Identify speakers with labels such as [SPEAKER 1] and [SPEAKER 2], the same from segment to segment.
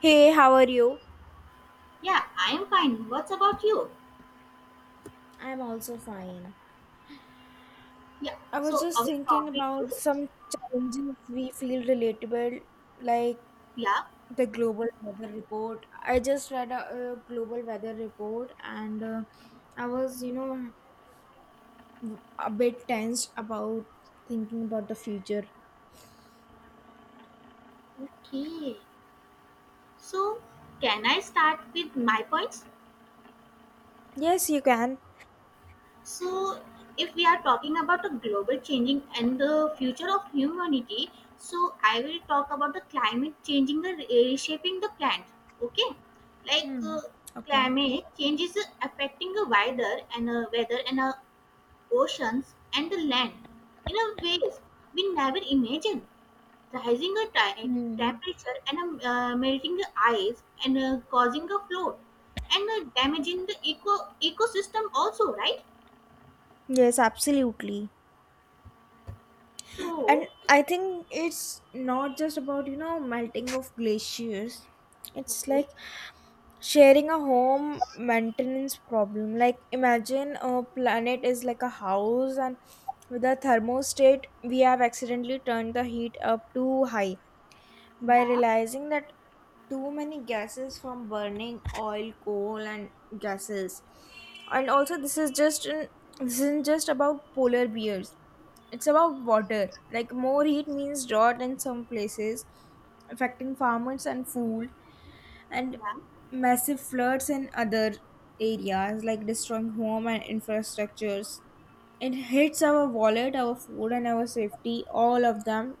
[SPEAKER 1] Hey, how are you?
[SPEAKER 2] Yeah, I'm fine. What's about you?
[SPEAKER 1] I'm also fine.
[SPEAKER 2] Yeah,
[SPEAKER 1] I was
[SPEAKER 2] so
[SPEAKER 1] just
[SPEAKER 2] our
[SPEAKER 1] thinking
[SPEAKER 2] topic
[SPEAKER 1] about
[SPEAKER 2] is,
[SPEAKER 1] some challenges we feel relatable, like
[SPEAKER 2] yeah,
[SPEAKER 1] the global weather report. I just read a, global weather report and I was, a bit tense about thinking about the future.
[SPEAKER 2] okay. So, can I start with my points?
[SPEAKER 1] Yes, you can.
[SPEAKER 2] So, if we are talking about the global changing and the future of humanity, so I will talk about the climate changing the reshaping the planet. Okay, like
[SPEAKER 1] Hmm.
[SPEAKER 2] uh,
[SPEAKER 1] Okay.
[SPEAKER 2] climate change is affecting the wider and weather and oceans and the land in a ways we never imagined rising a ti-
[SPEAKER 1] Hmm.
[SPEAKER 2] temperature and melting the ice and causing a flood and damaging the ecosystem also, right?
[SPEAKER 1] Yes, absolutely. And
[SPEAKER 2] So,
[SPEAKER 1] I think it's not just about, melting of glaciers. It's
[SPEAKER 2] okay.
[SPEAKER 1] like sharing a home maintenance problem, like imagine a planet is like a house and with a thermostat we have accidentally turned the heat up too high, by
[SPEAKER 2] Yeah,
[SPEAKER 1] realizing that too many gases from burning oil, coal, and gases. And also this isn't just about polar bears, it's about water. Like more heat means drought in some places, affecting farmers and food, and
[SPEAKER 2] yeah.
[SPEAKER 1] massive floods in other areas, like destroying home and infrastructures. It hits our wallet, our food, and our safety, all of them,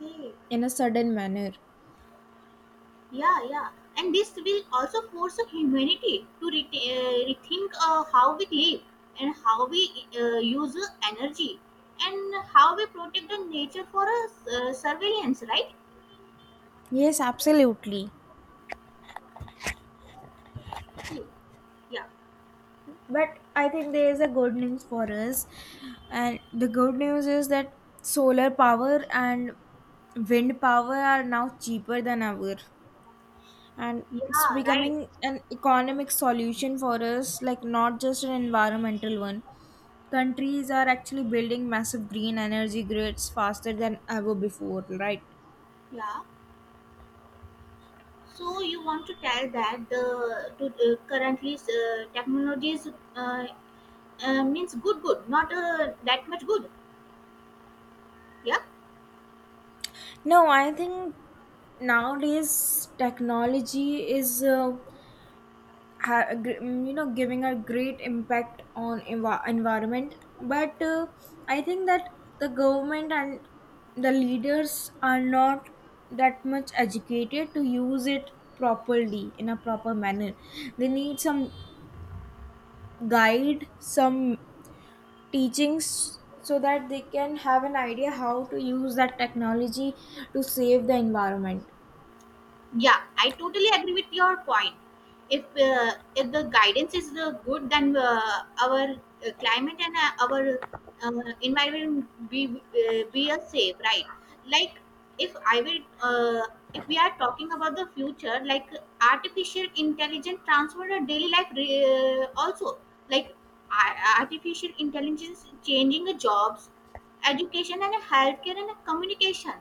[SPEAKER 2] Okay,
[SPEAKER 1] in a sudden manner.
[SPEAKER 2] yeah, yeah. And this will also force the humanity to rethink how we live and how we use the energy and how we protect the nature for us, surveillance, right?
[SPEAKER 1] Yes, absolutely.
[SPEAKER 2] See. Yeah.
[SPEAKER 1] But I think there is a good news for us, and the good news is that solar power and wind power are now cheaper than ever, and it's
[SPEAKER 2] Yeah, right.
[SPEAKER 1] becoming an economic solution for us, like not just an environmental one. Countries are actually building massive green energy grids faster than ever before, right?
[SPEAKER 2] Yeah. So you want to tell that currently technologies uh, means good, not that much good. Yeah.
[SPEAKER 1] No, I think nowadays technology is, giving a great impact on environment, but, I think that the government and the leaders are not that much educated to use it properly, in a proper manner. They need some guide, some teachings, so that they can have an idea how to use that technology to save the environment.
[SPEAKER 2] Yeah, I totally agree with your point. If if the guidance is good, then our climate and our environment be a safe, right? Like, if I will if we are talking about the future, like artificial intelligence transform our daily life also, like artificial intelligence is changing the jobs, education and healthcare and communication,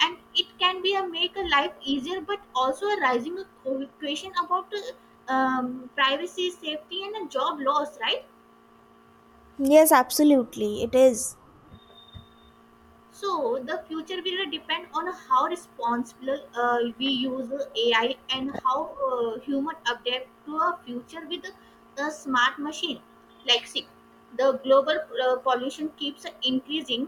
[SPEAKER 2] and it can be a make a life easier, but also a rising a question about privacy, safety and a job loss, right? So the future will depend on how responsible we use the AI and how human adapt to a future with a smart machine. Like, see, the global pollution keeps increasing,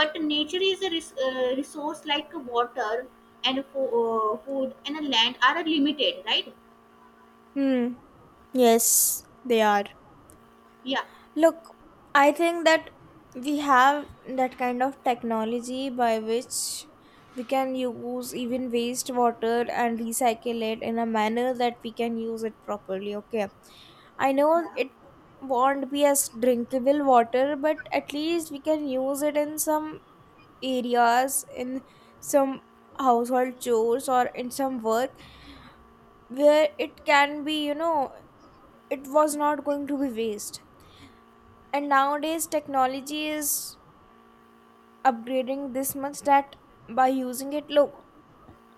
[SPEAKER 2] but nature is a resource like water and food and land are limited, right?
[SPEAKER 1] Hmm. Yes, they are.
[SPEAKER 2] Yeah.
[SPEAKER 1] Look, I think that we have that kind of technology by which we can use even wastewater and recycle it in a manner that we can use it properly. Okay. I know
[SPEAKER 2] Yeah.
[SPEAKER 1] it won't be as drinkable water, but at least we can use it in some areas, in some household chores, or in some work where it can be, it was not going to be waste. And nowadays technology is upgrading this much that by using it, look,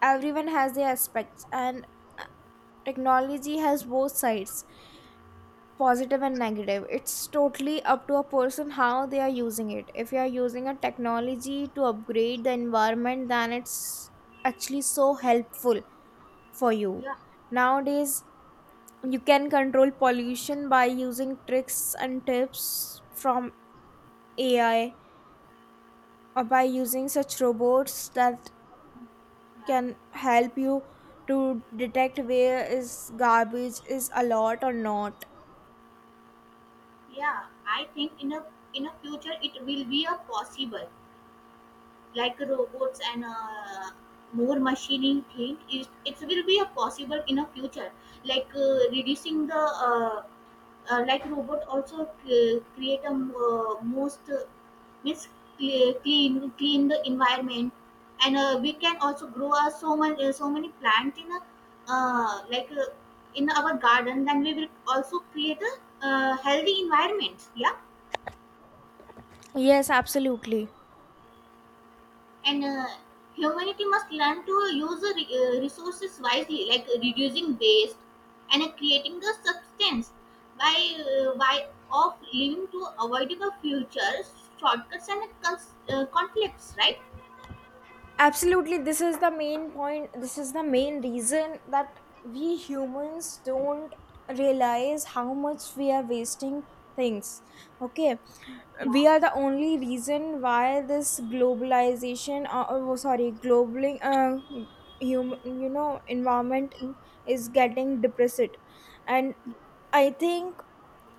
[SPEAKER 1] everyone has their aspects and technology has both sides, positive and negative. It's totally up to a person how they are using it. If you are using a technology to upgrade the environment, then it's actually so helpful for you.
[SPEAKER 2] Yeah.
[SPEAKER 1] Nowadays you can control pollution by using tricks and tips from AI, by using such robots that
[SPEAKER 2] Yeah.
[SPEAKER 1] can help you to detect where is garbage is a lot or not.
[SPEAKER 2] Yeah. I think in a future it will be a possible. Like robots and more machining thing, it will be a possible in a future. Like, reducing the like robot also create a most means clean the environment, and we can also grow so many plants in a, uh, like uh, in our garden, then we will also create a healthy environment. Yeah.
[SPEAKER 1] Yes, absolutely.
[SPEAKER 2] And humanity must learn to use the resources wisely, like reducing waste and creating the substance by by of living, to avoid the future shortcuts and conflicts, right?
[SPEAKER 1] Absolutely, this is the main point. This is the main reason that we humans don't realize how much we are wasting things. Okay.
[SPEAKER 2] Yeah,
[SPEAKER 1] We are the only reason why this globalization, oh, oh, sorry, globaling human, environment is getting depressed. And I think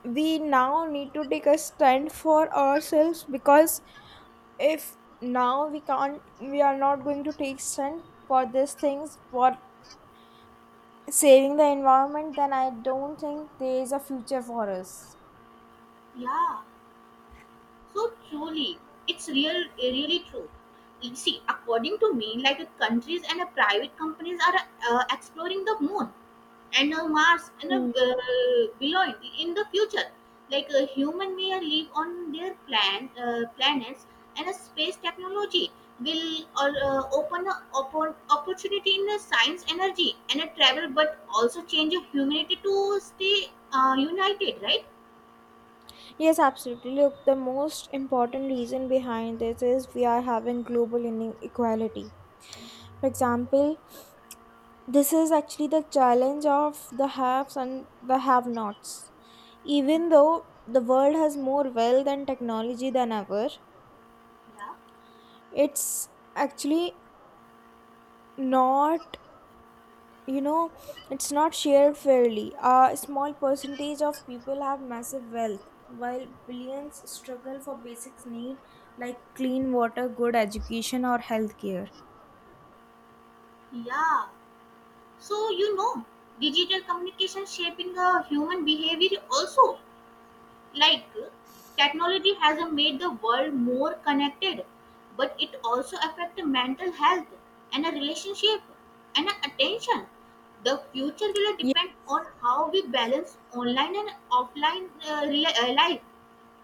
[SPEAKER 1] we now need to take a stand for ourselves, because if now we can't, we are not going to take stand for these things, for saving the environment, then I don't think there is a future for us.
[SPEAKER 2] yeah. So truly, it's really true. You see, according to me, like countries and private companies are exploring the moon and a Mars and a, below it in the future. Like, a human may live on their planets, and a space technology will open a opportunity in the science, energy, and a travel, but also change of humanity to stay united, right?
[SPEAKER 1] Yes, absolutely. Look, the most important reason behind this is we are having global inequality. For example, this is actually the challenge of the haves and the have nots. Even though the world has more wealth and technology than ever,
[SPEAKER 2] Yeah,
[SPEAKER 1] it's actually not, you know it's not shared fairly. A small percentage of people have massive wealth while billions struggle for basic need, like clean water, good education, or healthcare.
[SPEAKER 2] yeah. So, you know, digital communication shaping the human behavior also, like technology has made the world more connected, but it also affects mental health and a relationship and a attention. The future will
[SPEAKER 1] Ye-
[SPEAKER 2] depend on how we balance online and offline life,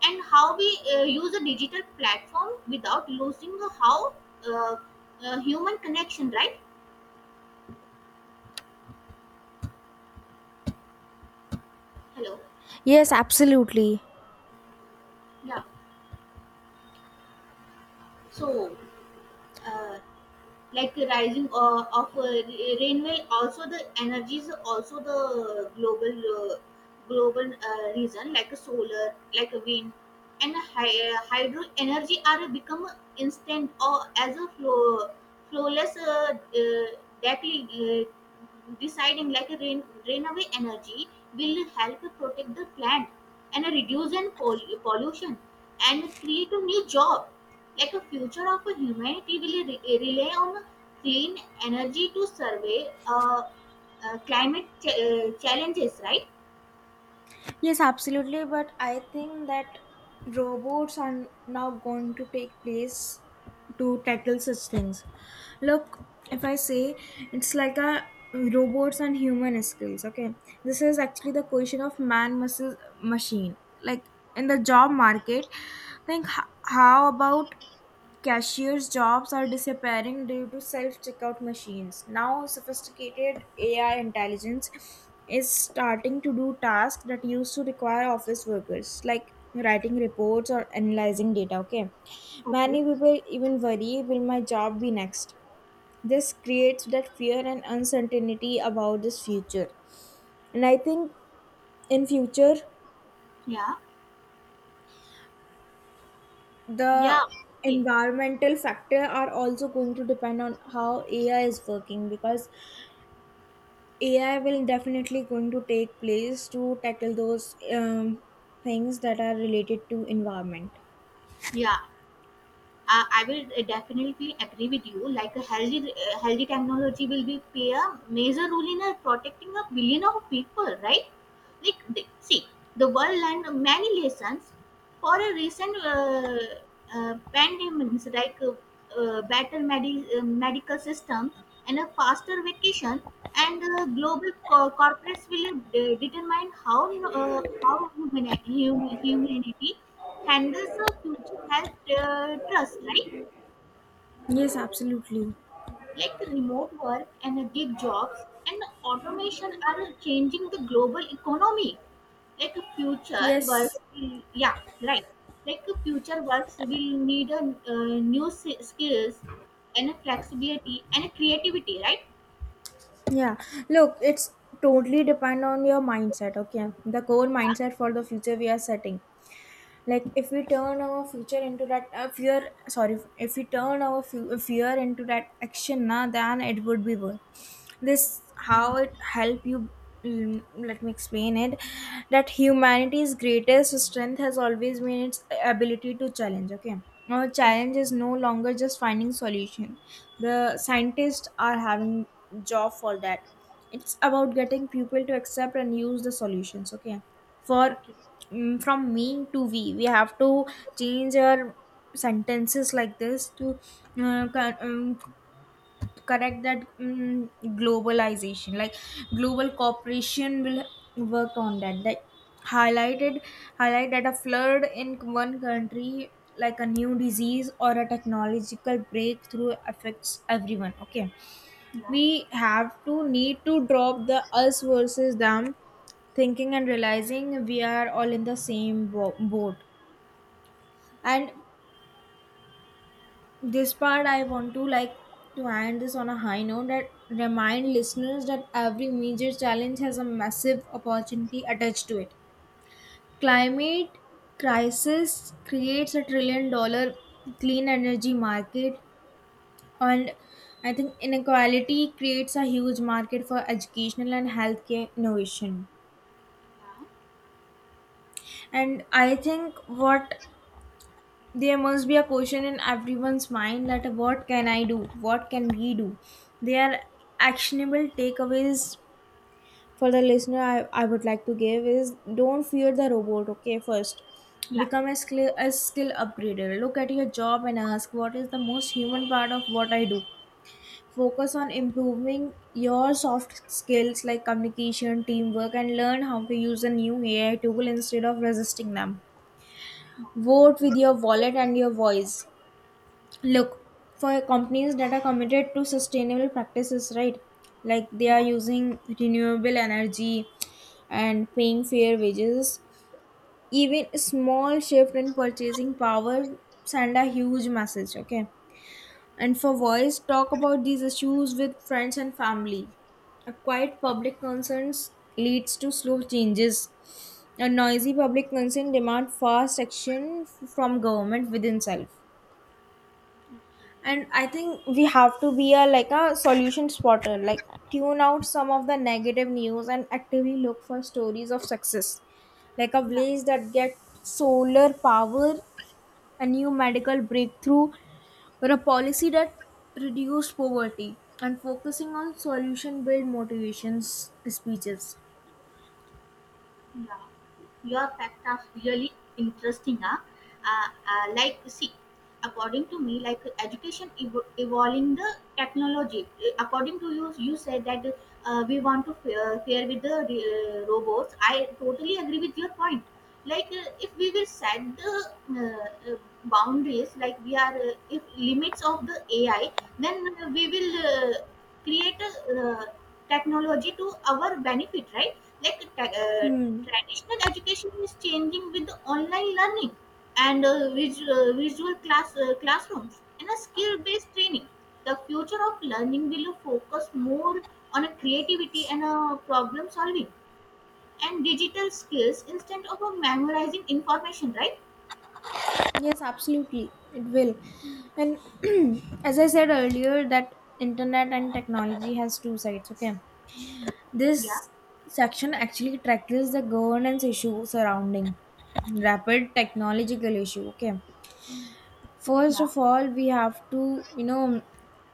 [SPEAKER 2] and how we use a digital platform without losing the how uh, human connection, right? Hello.
[SPEAKER 1] yes, absolutely.
[SPEAKER 2] Yeah. So, uh, like rising rainfall, also the energies, also the global global reason, like a solar, like a wind and a hydro energy are become instant or as a flow flowless that deciding, like a rain away energy will help protect the plant and reduce and pollution and create a new job. Yet the future of humanity will rely on clean energy to survey climate challenges, right?
[SPEAKER 1] Yes, absolutely. But I think that robots are now going to take place to tackle such things. Look, if I say it's like a robots and human skills, okay? This is actually the question of man versus machine. Like in the job market, think how about Cashiers' jobs are disappearing due to self checkout machines. Now, sophisticated AI intelligence is starting to do tasks that used to require office workers, like writing reports or analyzing data. Okay, many
[SPEAKER 2] Okay.
[SPEAKER 1] people even worry, will my job be next? This creates that fear and uncertainty about this future. And I think in future,
[SPEAKER 2] Yeah. Yeah.
[SPEAKER 1] the
[SPEAKER 2] Okay.
[SPEAKER 1] environmental factor are also going to depend on how AI is working, because AI will definitely going to take place to tackle those things that are related to environment.
[SPEAKER 2] Yeah. I will definitely agree with you. Like a healthy, healthy technology will be play a major role in protecting a billion of people, right? Like the, see, the world learned many lessons for a recent pandemics, like better medical system and a faster vacation, and global corporates will determine how humanity handles the future health trust, right?
[SPEAKER 1] Yes, absolutely.
[SPEAKER 2] Like remote work and gig jobs and automation are changing the global economy. Like future
[SPEAKER 1] Yes.
[SPEAKER 2] works will— yeah, right. Like future works will need a, uh, new skills and a flexibility and a creativity, right?
[SPEAKER 1] Yeah, look, it's totally depend on your mindset. Okay, the core
[SPEAKER 2] Yeah.
[SPEAKER 1] mindset for the future we are setting. Like if we turn our future into that, fear, sorry, if we turn our fear into that action, na, then it would be worth. This how it help you. Let me explain it, that humanity's greatest strength has always been its ability to challenge. Okay, our challenge is no longer just finding solution. The scientists are having job for that. It's about getting people to accept and use the solutions. Okay, for
[SPEAKER 2] Okay.
[SPEAKER 1] from me to we have to change our sentences like this to, uh, cor- um, correct that, globalization, like global cooperation will work on that, highlighted highlight that a flood in one country, like a new disease or a technological breakthrough, affects everyone. Okay,
[SPEAKER 2] Yeah,
[SPEAKER 1] we have to need to drop the us versus them thinking, and realizing we are all in the same boat. And this part I want to, like, to end this on a high note, that remind listeners that every major challenge has a massive opportunity attached to it. Climate crisis creates $1 trillion clean energy market, and I think inequality creates a huge market for educational and healthcare innovation. And I think what, there must be a question in everyone's mind, that what can I do, what can we do. They are actionable takeaways for the listener I would like to give is don't fear the robot, okay? First,
[SPEAKER 2] yeah,
[SPEAKER 1] become a skill, a skill upgrader. Look at your job and ask what is the most human part of what I do. Focus on improving your soft skills, like communication, teamwork, and learn how to use a new AI tool instead of resisting them. Vote with your wallet and your voice. Look for companies that are committed to sustainable practices, right? Like they are
[SPEAKER 2] yeah.
[SPEAKER 1] using renewable energy and paying fair wages. Even a small shift in purchasing power send a huge message, okay? And for
[SPEAKER 2] Okay.
[SPEAKER 1] voice, talk about these issues with friends and family. A quiet public concerns leads to slow changes. A noisy public concern demand fast action from government within itself. And I think we have to be a, like, a solution spotter, like tune out some of the negative news and actively look for stories of success, like a
[SPEAKER 2] 鸟.
[SPEAKER 1] village that gets solar power, a new medical breakthrough, or a policy that reduce poverty. And focusing on solution build motivations speeches.
[SPEAKER 2] Yeah, your fact are really interesting. Huh? Like, see, according to me, like education evolving the technology. According to you, you said that we want to pair with the robots. I totally agree with your point. Like, if we will set the uh, uh, boundaries, like we are, if limits of the AI, then we will create a technology to our benefit, right? Like
[SPEAKER 1] Hmm.
[SPEAKER 2] traditional education is changing with online learning and visual classrooms and a skill based training. The future of learning will focus more on a creativity and a problem solving and digital skills, instead of a memorizing information, right?
[SPEAKER 1] Yes, absolutely. It will. And as I said earlier, that internet and technology has two sides, okay?
[SPEAKER 2] Yeah.
[SPEAKER 1] This section actually tackles the governance issue surrounding rapid technological issue. Okay. First
[SPEAKER 2] Yeah.
[SPEAKER 1] of all, we have to,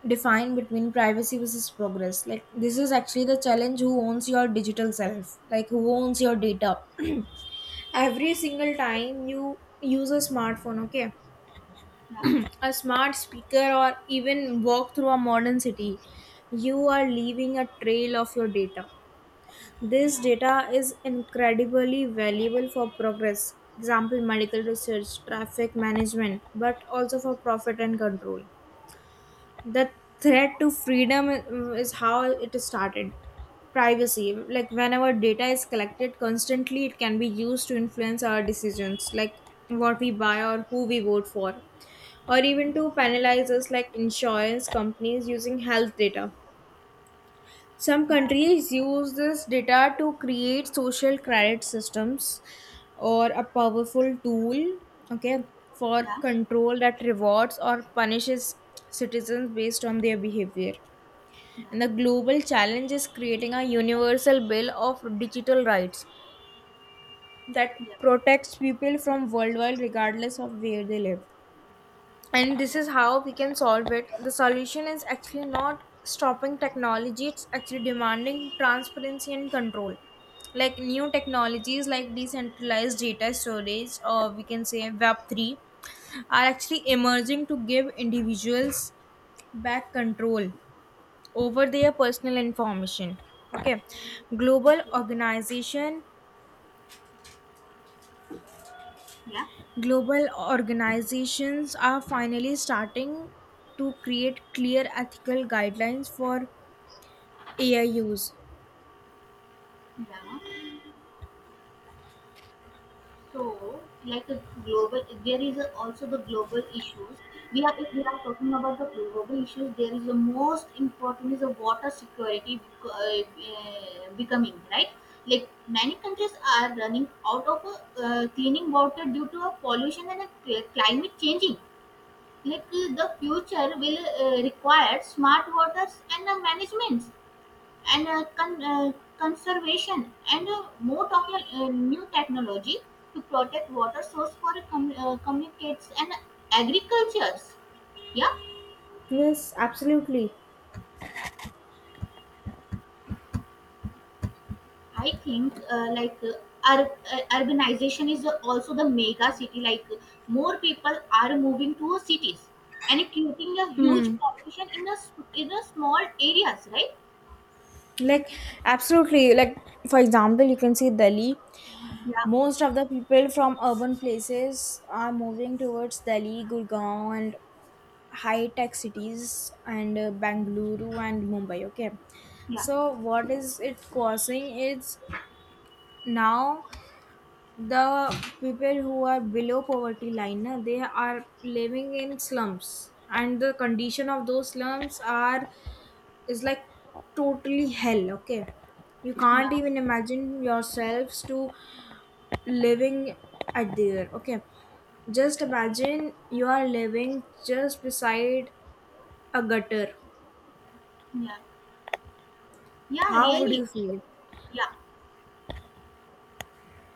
[SPEAKER 1] define between privacy versus progress. Like this is actually the challenge, who owns your digital self, like who owns your data. Every
[SPEAKER 2] Yeah.
[SPEAKER 1] single time you use a smartphone, okay, a smart speaker, or even walk through a modern city, you are leaving a trail of your data. This
[SPEAKER 2] Yeah.
[SPEAKER 1] data is incredibly valuable for progress, example medical research, traffic management, but also for profit and control. The threat to freedom, is how it started. Privacy, like whenever data is collected constantly, it can be used to influence our decisions, like what we buy or who we vote for, or even to penalize us, like insurance companies using health data. Some
[SPEAKER 2] Yeah.
[SPEAKER 1] countries use this data to create social credit systems, or a powerful tool, okay,
[SPEAKER 2] Yeah.
[SPEAKER 1] for
[SPEAKER 2] Yeah.
[SPEAKER 1] control that rewards or punishes citizens based on their behavior.
[SPEAKER 2] Yeah.
[SPEAKER 1] And the global challenge is creating a universal bill of digital rights that
[SPEAKER 2] Yeah. Yeah.
[SPEAKER 1] protects people from worldwide regardless of where they live. And this is how we can solve it. The solution is actually not stopping technology, it's actually demanding transparency and control. Like new technologies, like decentralized data storage, or we can say web3, are actually emerging to give individuals back control over their personal information. Okay. global
[SPEAKER 2] Okay.
[SPEAKER 1] organization
[SPEAKER 2] Yeah,
[SPEAKER 1] Global organizations are finally starting to create clear ethical guidelines for AI use.
[SPEAKER 2] yeah. So, like a global, there is a— also the global issues. We are, if we are talking about the global issues, there is the most important is the water security becoming, right. Like many countries are running out of cleaning water due to a pollution and a climate changing. Like the future will require smart waters and the management and conservation and more talking new technology to protect water source for communicates and agricultures. Yeah.
[SPEAKER 1] Yes, absolutely.
[SPEAKER 2] I think urbanization is also the mega city, like more people are moving to cities and creating a huge
[SPEAKER 1] Hmm.
[SPEAKER 2] population in a in a small areas, right?
[SPEAKER 1] Like, absolutely. Like, for example, you can see Delhi.
[SPEAKER 2] Yeah.
[SPEAKER 1] Most of the people from urban places are moving towards Delhi, Gurgaon, and high tech cities, and Bangalore and Mumbai. Okay.
[SPEAKER 2] Yeah.
[SPEAKER 1] So, what is it causing? It's now the people who are below poverty line, na, they are living in slums, and the condition of those slums are is like totally hell, okay? You
[SPEAKER 2] Yeah.
[SPEAKER 1] can't even imagine yourselves to living at there, okay? Just imagine you are living just beside a gutter.
[SPEAKER 2] Yeah, yeah,
[SPEAKER 1] How would
[SPEAKER 2] really.
[SPEAKER 1] you feel?
[SPEAKER 2] Yeah.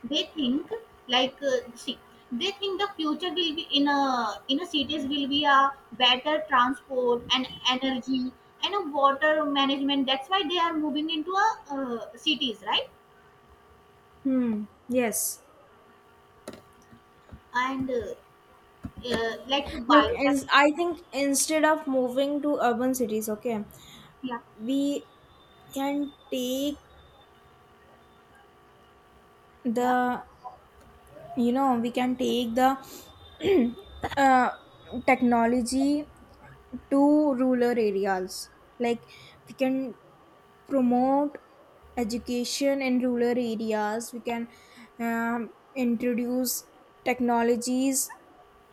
[SPEAKER 2] They think, like, see, they think the future will be in a cities, will be a better transport and energy and a water management. That's why they are moving into a cities, right?
[SPEAKER 1] Hmm, yes.
[SPEAKER 2] And like a
[SPEAKER 1] Look,
[SPEAKER 2] biotech.
[SPEAKER 1] I think instead of moving to urban cities, okay,
[SPEAKER 2] Yeah,
[SPEAKER 1] we can take
[SPEAKER 2] yeah.
[SPEAKER 1] the you know, we can take the uh, technology to rural areas. Like we can promote education in rural areas. We can introduce technologies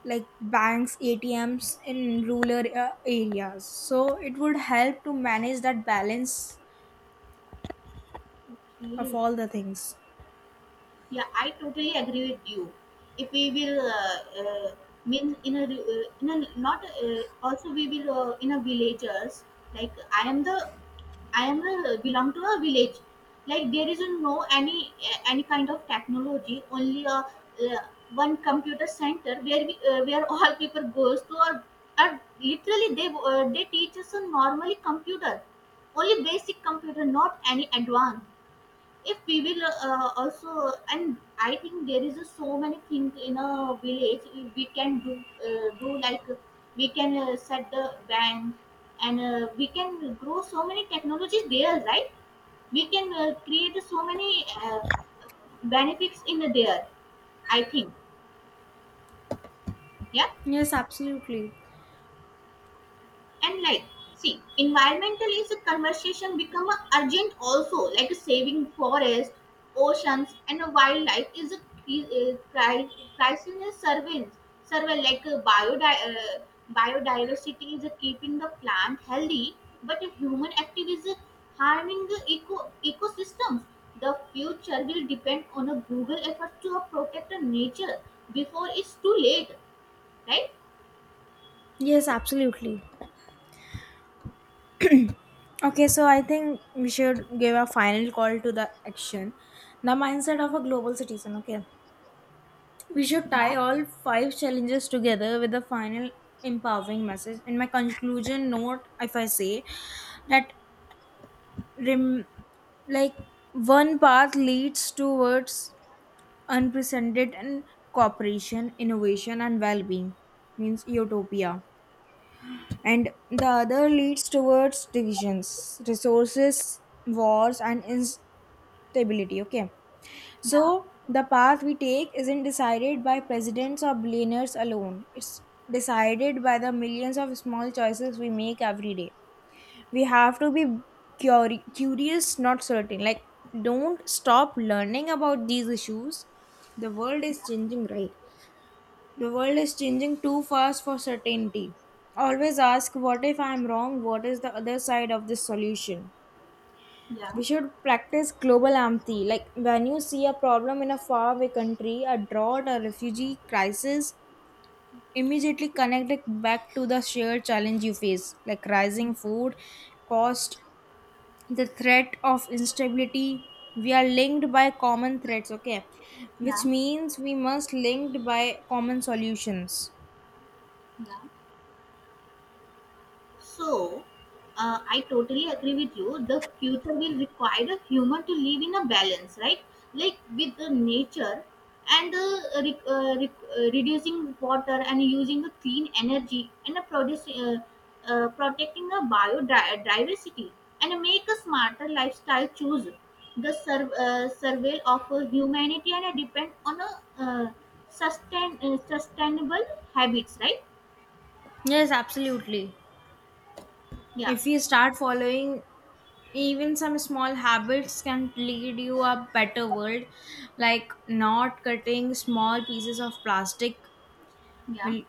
[SPEAKER 1] like banks, atms, in rural areas, so it would help to manage that balance of
[SPEAKER 2] Okay.
[SPEAKER 1] all the things.
[SPEAKER 2] Yeah, I totally agree with you. If we will mean in a, in a not also we will in a villagers. Like I am the I am a, belong to a village. Like there is no any any kind of technology. Only a uh, one computer center where we where all people goes to, or literally they teach us a normally computer, only basic computer, not any advanced. If we will also, and I think there is a so many things in a village we can do, like we can set the band and we can grow so many technologies there, right? We can create so many benefits in there, I think. Yeah.
[SPEAKER 1] Yes, absolutely.
[SPEAKER 2] And like, see, environmental is a conversation become a urgent also. Like saving forest, oceans, and a wildlife is a cri- uh, cri- crisis surveillance. Survey, like a biodiversity is a keeping the plant healthy, but a human activity is a harming the ecosystems. The future will depend on a Google effort to protect the nature before it's too late, right?
[SPEAKER 1] Yes, absolutely. Okay, so I think we should give a final call to the action. The mindset of a global citizen. Okay, we should tie
[SPEAKER 2] Yeah,
[SPEAKER 1] all 5 challenges together with a final empowering message. In my conclusion note, if I say that, rem- like one path leads towards unprecedented and cooperation, innovation, and well-being, means utopia, and the other leads towards divisions, resources, wars, and stability, okay?
[SPEAKER 2] yeah,
[SPEAKER 1] So the path we take isn't decided by presidents or billionaires alone. It's decided by the millions of small choices we make every day. We have to be curious, not certain. Like don't stop learning about these issues. the world is changing right the world is changing too fast for certainty. Always ask, what if I'm wrong, what is the other side of this solution.
[SPEAKER 2] yeah,
[SPEAKER 1] We should practice global empathy, like when you see a problem in a faraway country, a drought, a refugee crisis, immediately connect it back to the shared challenge you face, like rising food cost, the threat of instability. We are linked by common threats, okay, which
[SPEAKER 2] yeah,
[SPEAKER 1] means we must linked by common solutions.
[SPEAKER 2] yeah. So, I totally agree with you. The future will require a human to live in a balance, right? Like with the nature and reducing water and using the clean energy and protecting the biodiversity and make a smarter lifestyle choose. The survey of humanity and depend on a sustainable habits, right?
[SPEAKER 1] Yes, absolutely.
[SPEAKER 2] Yeah,
[SPEAKER 1] If we start following, even some small habits can lead you a better world, like not cutting small pieces of plastic
[SPEAKER 2] yeah,
[SPEAKER 1] will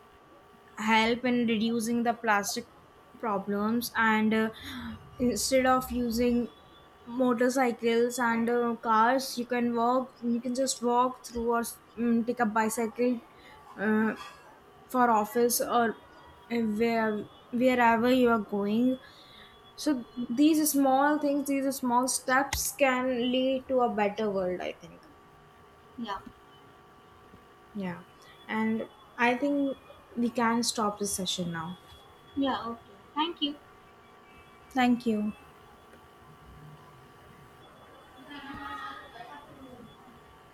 [SPEAKER 1] help in reducing the plastic problems. And, instead of using motorcycles and, cars, you can just walk through, or take a bicycle uh, for office, or, uh, where wherever you are going. So these small things, these small steps can lead to a better world, I think.
[SPEAKER 2] yeah.
[SPEAKER 1] Yeah. And I think we can stop this session now.
[SPEAKER 2] Yeah, okay. Thank you.
[SPEAKER 1] Thank you.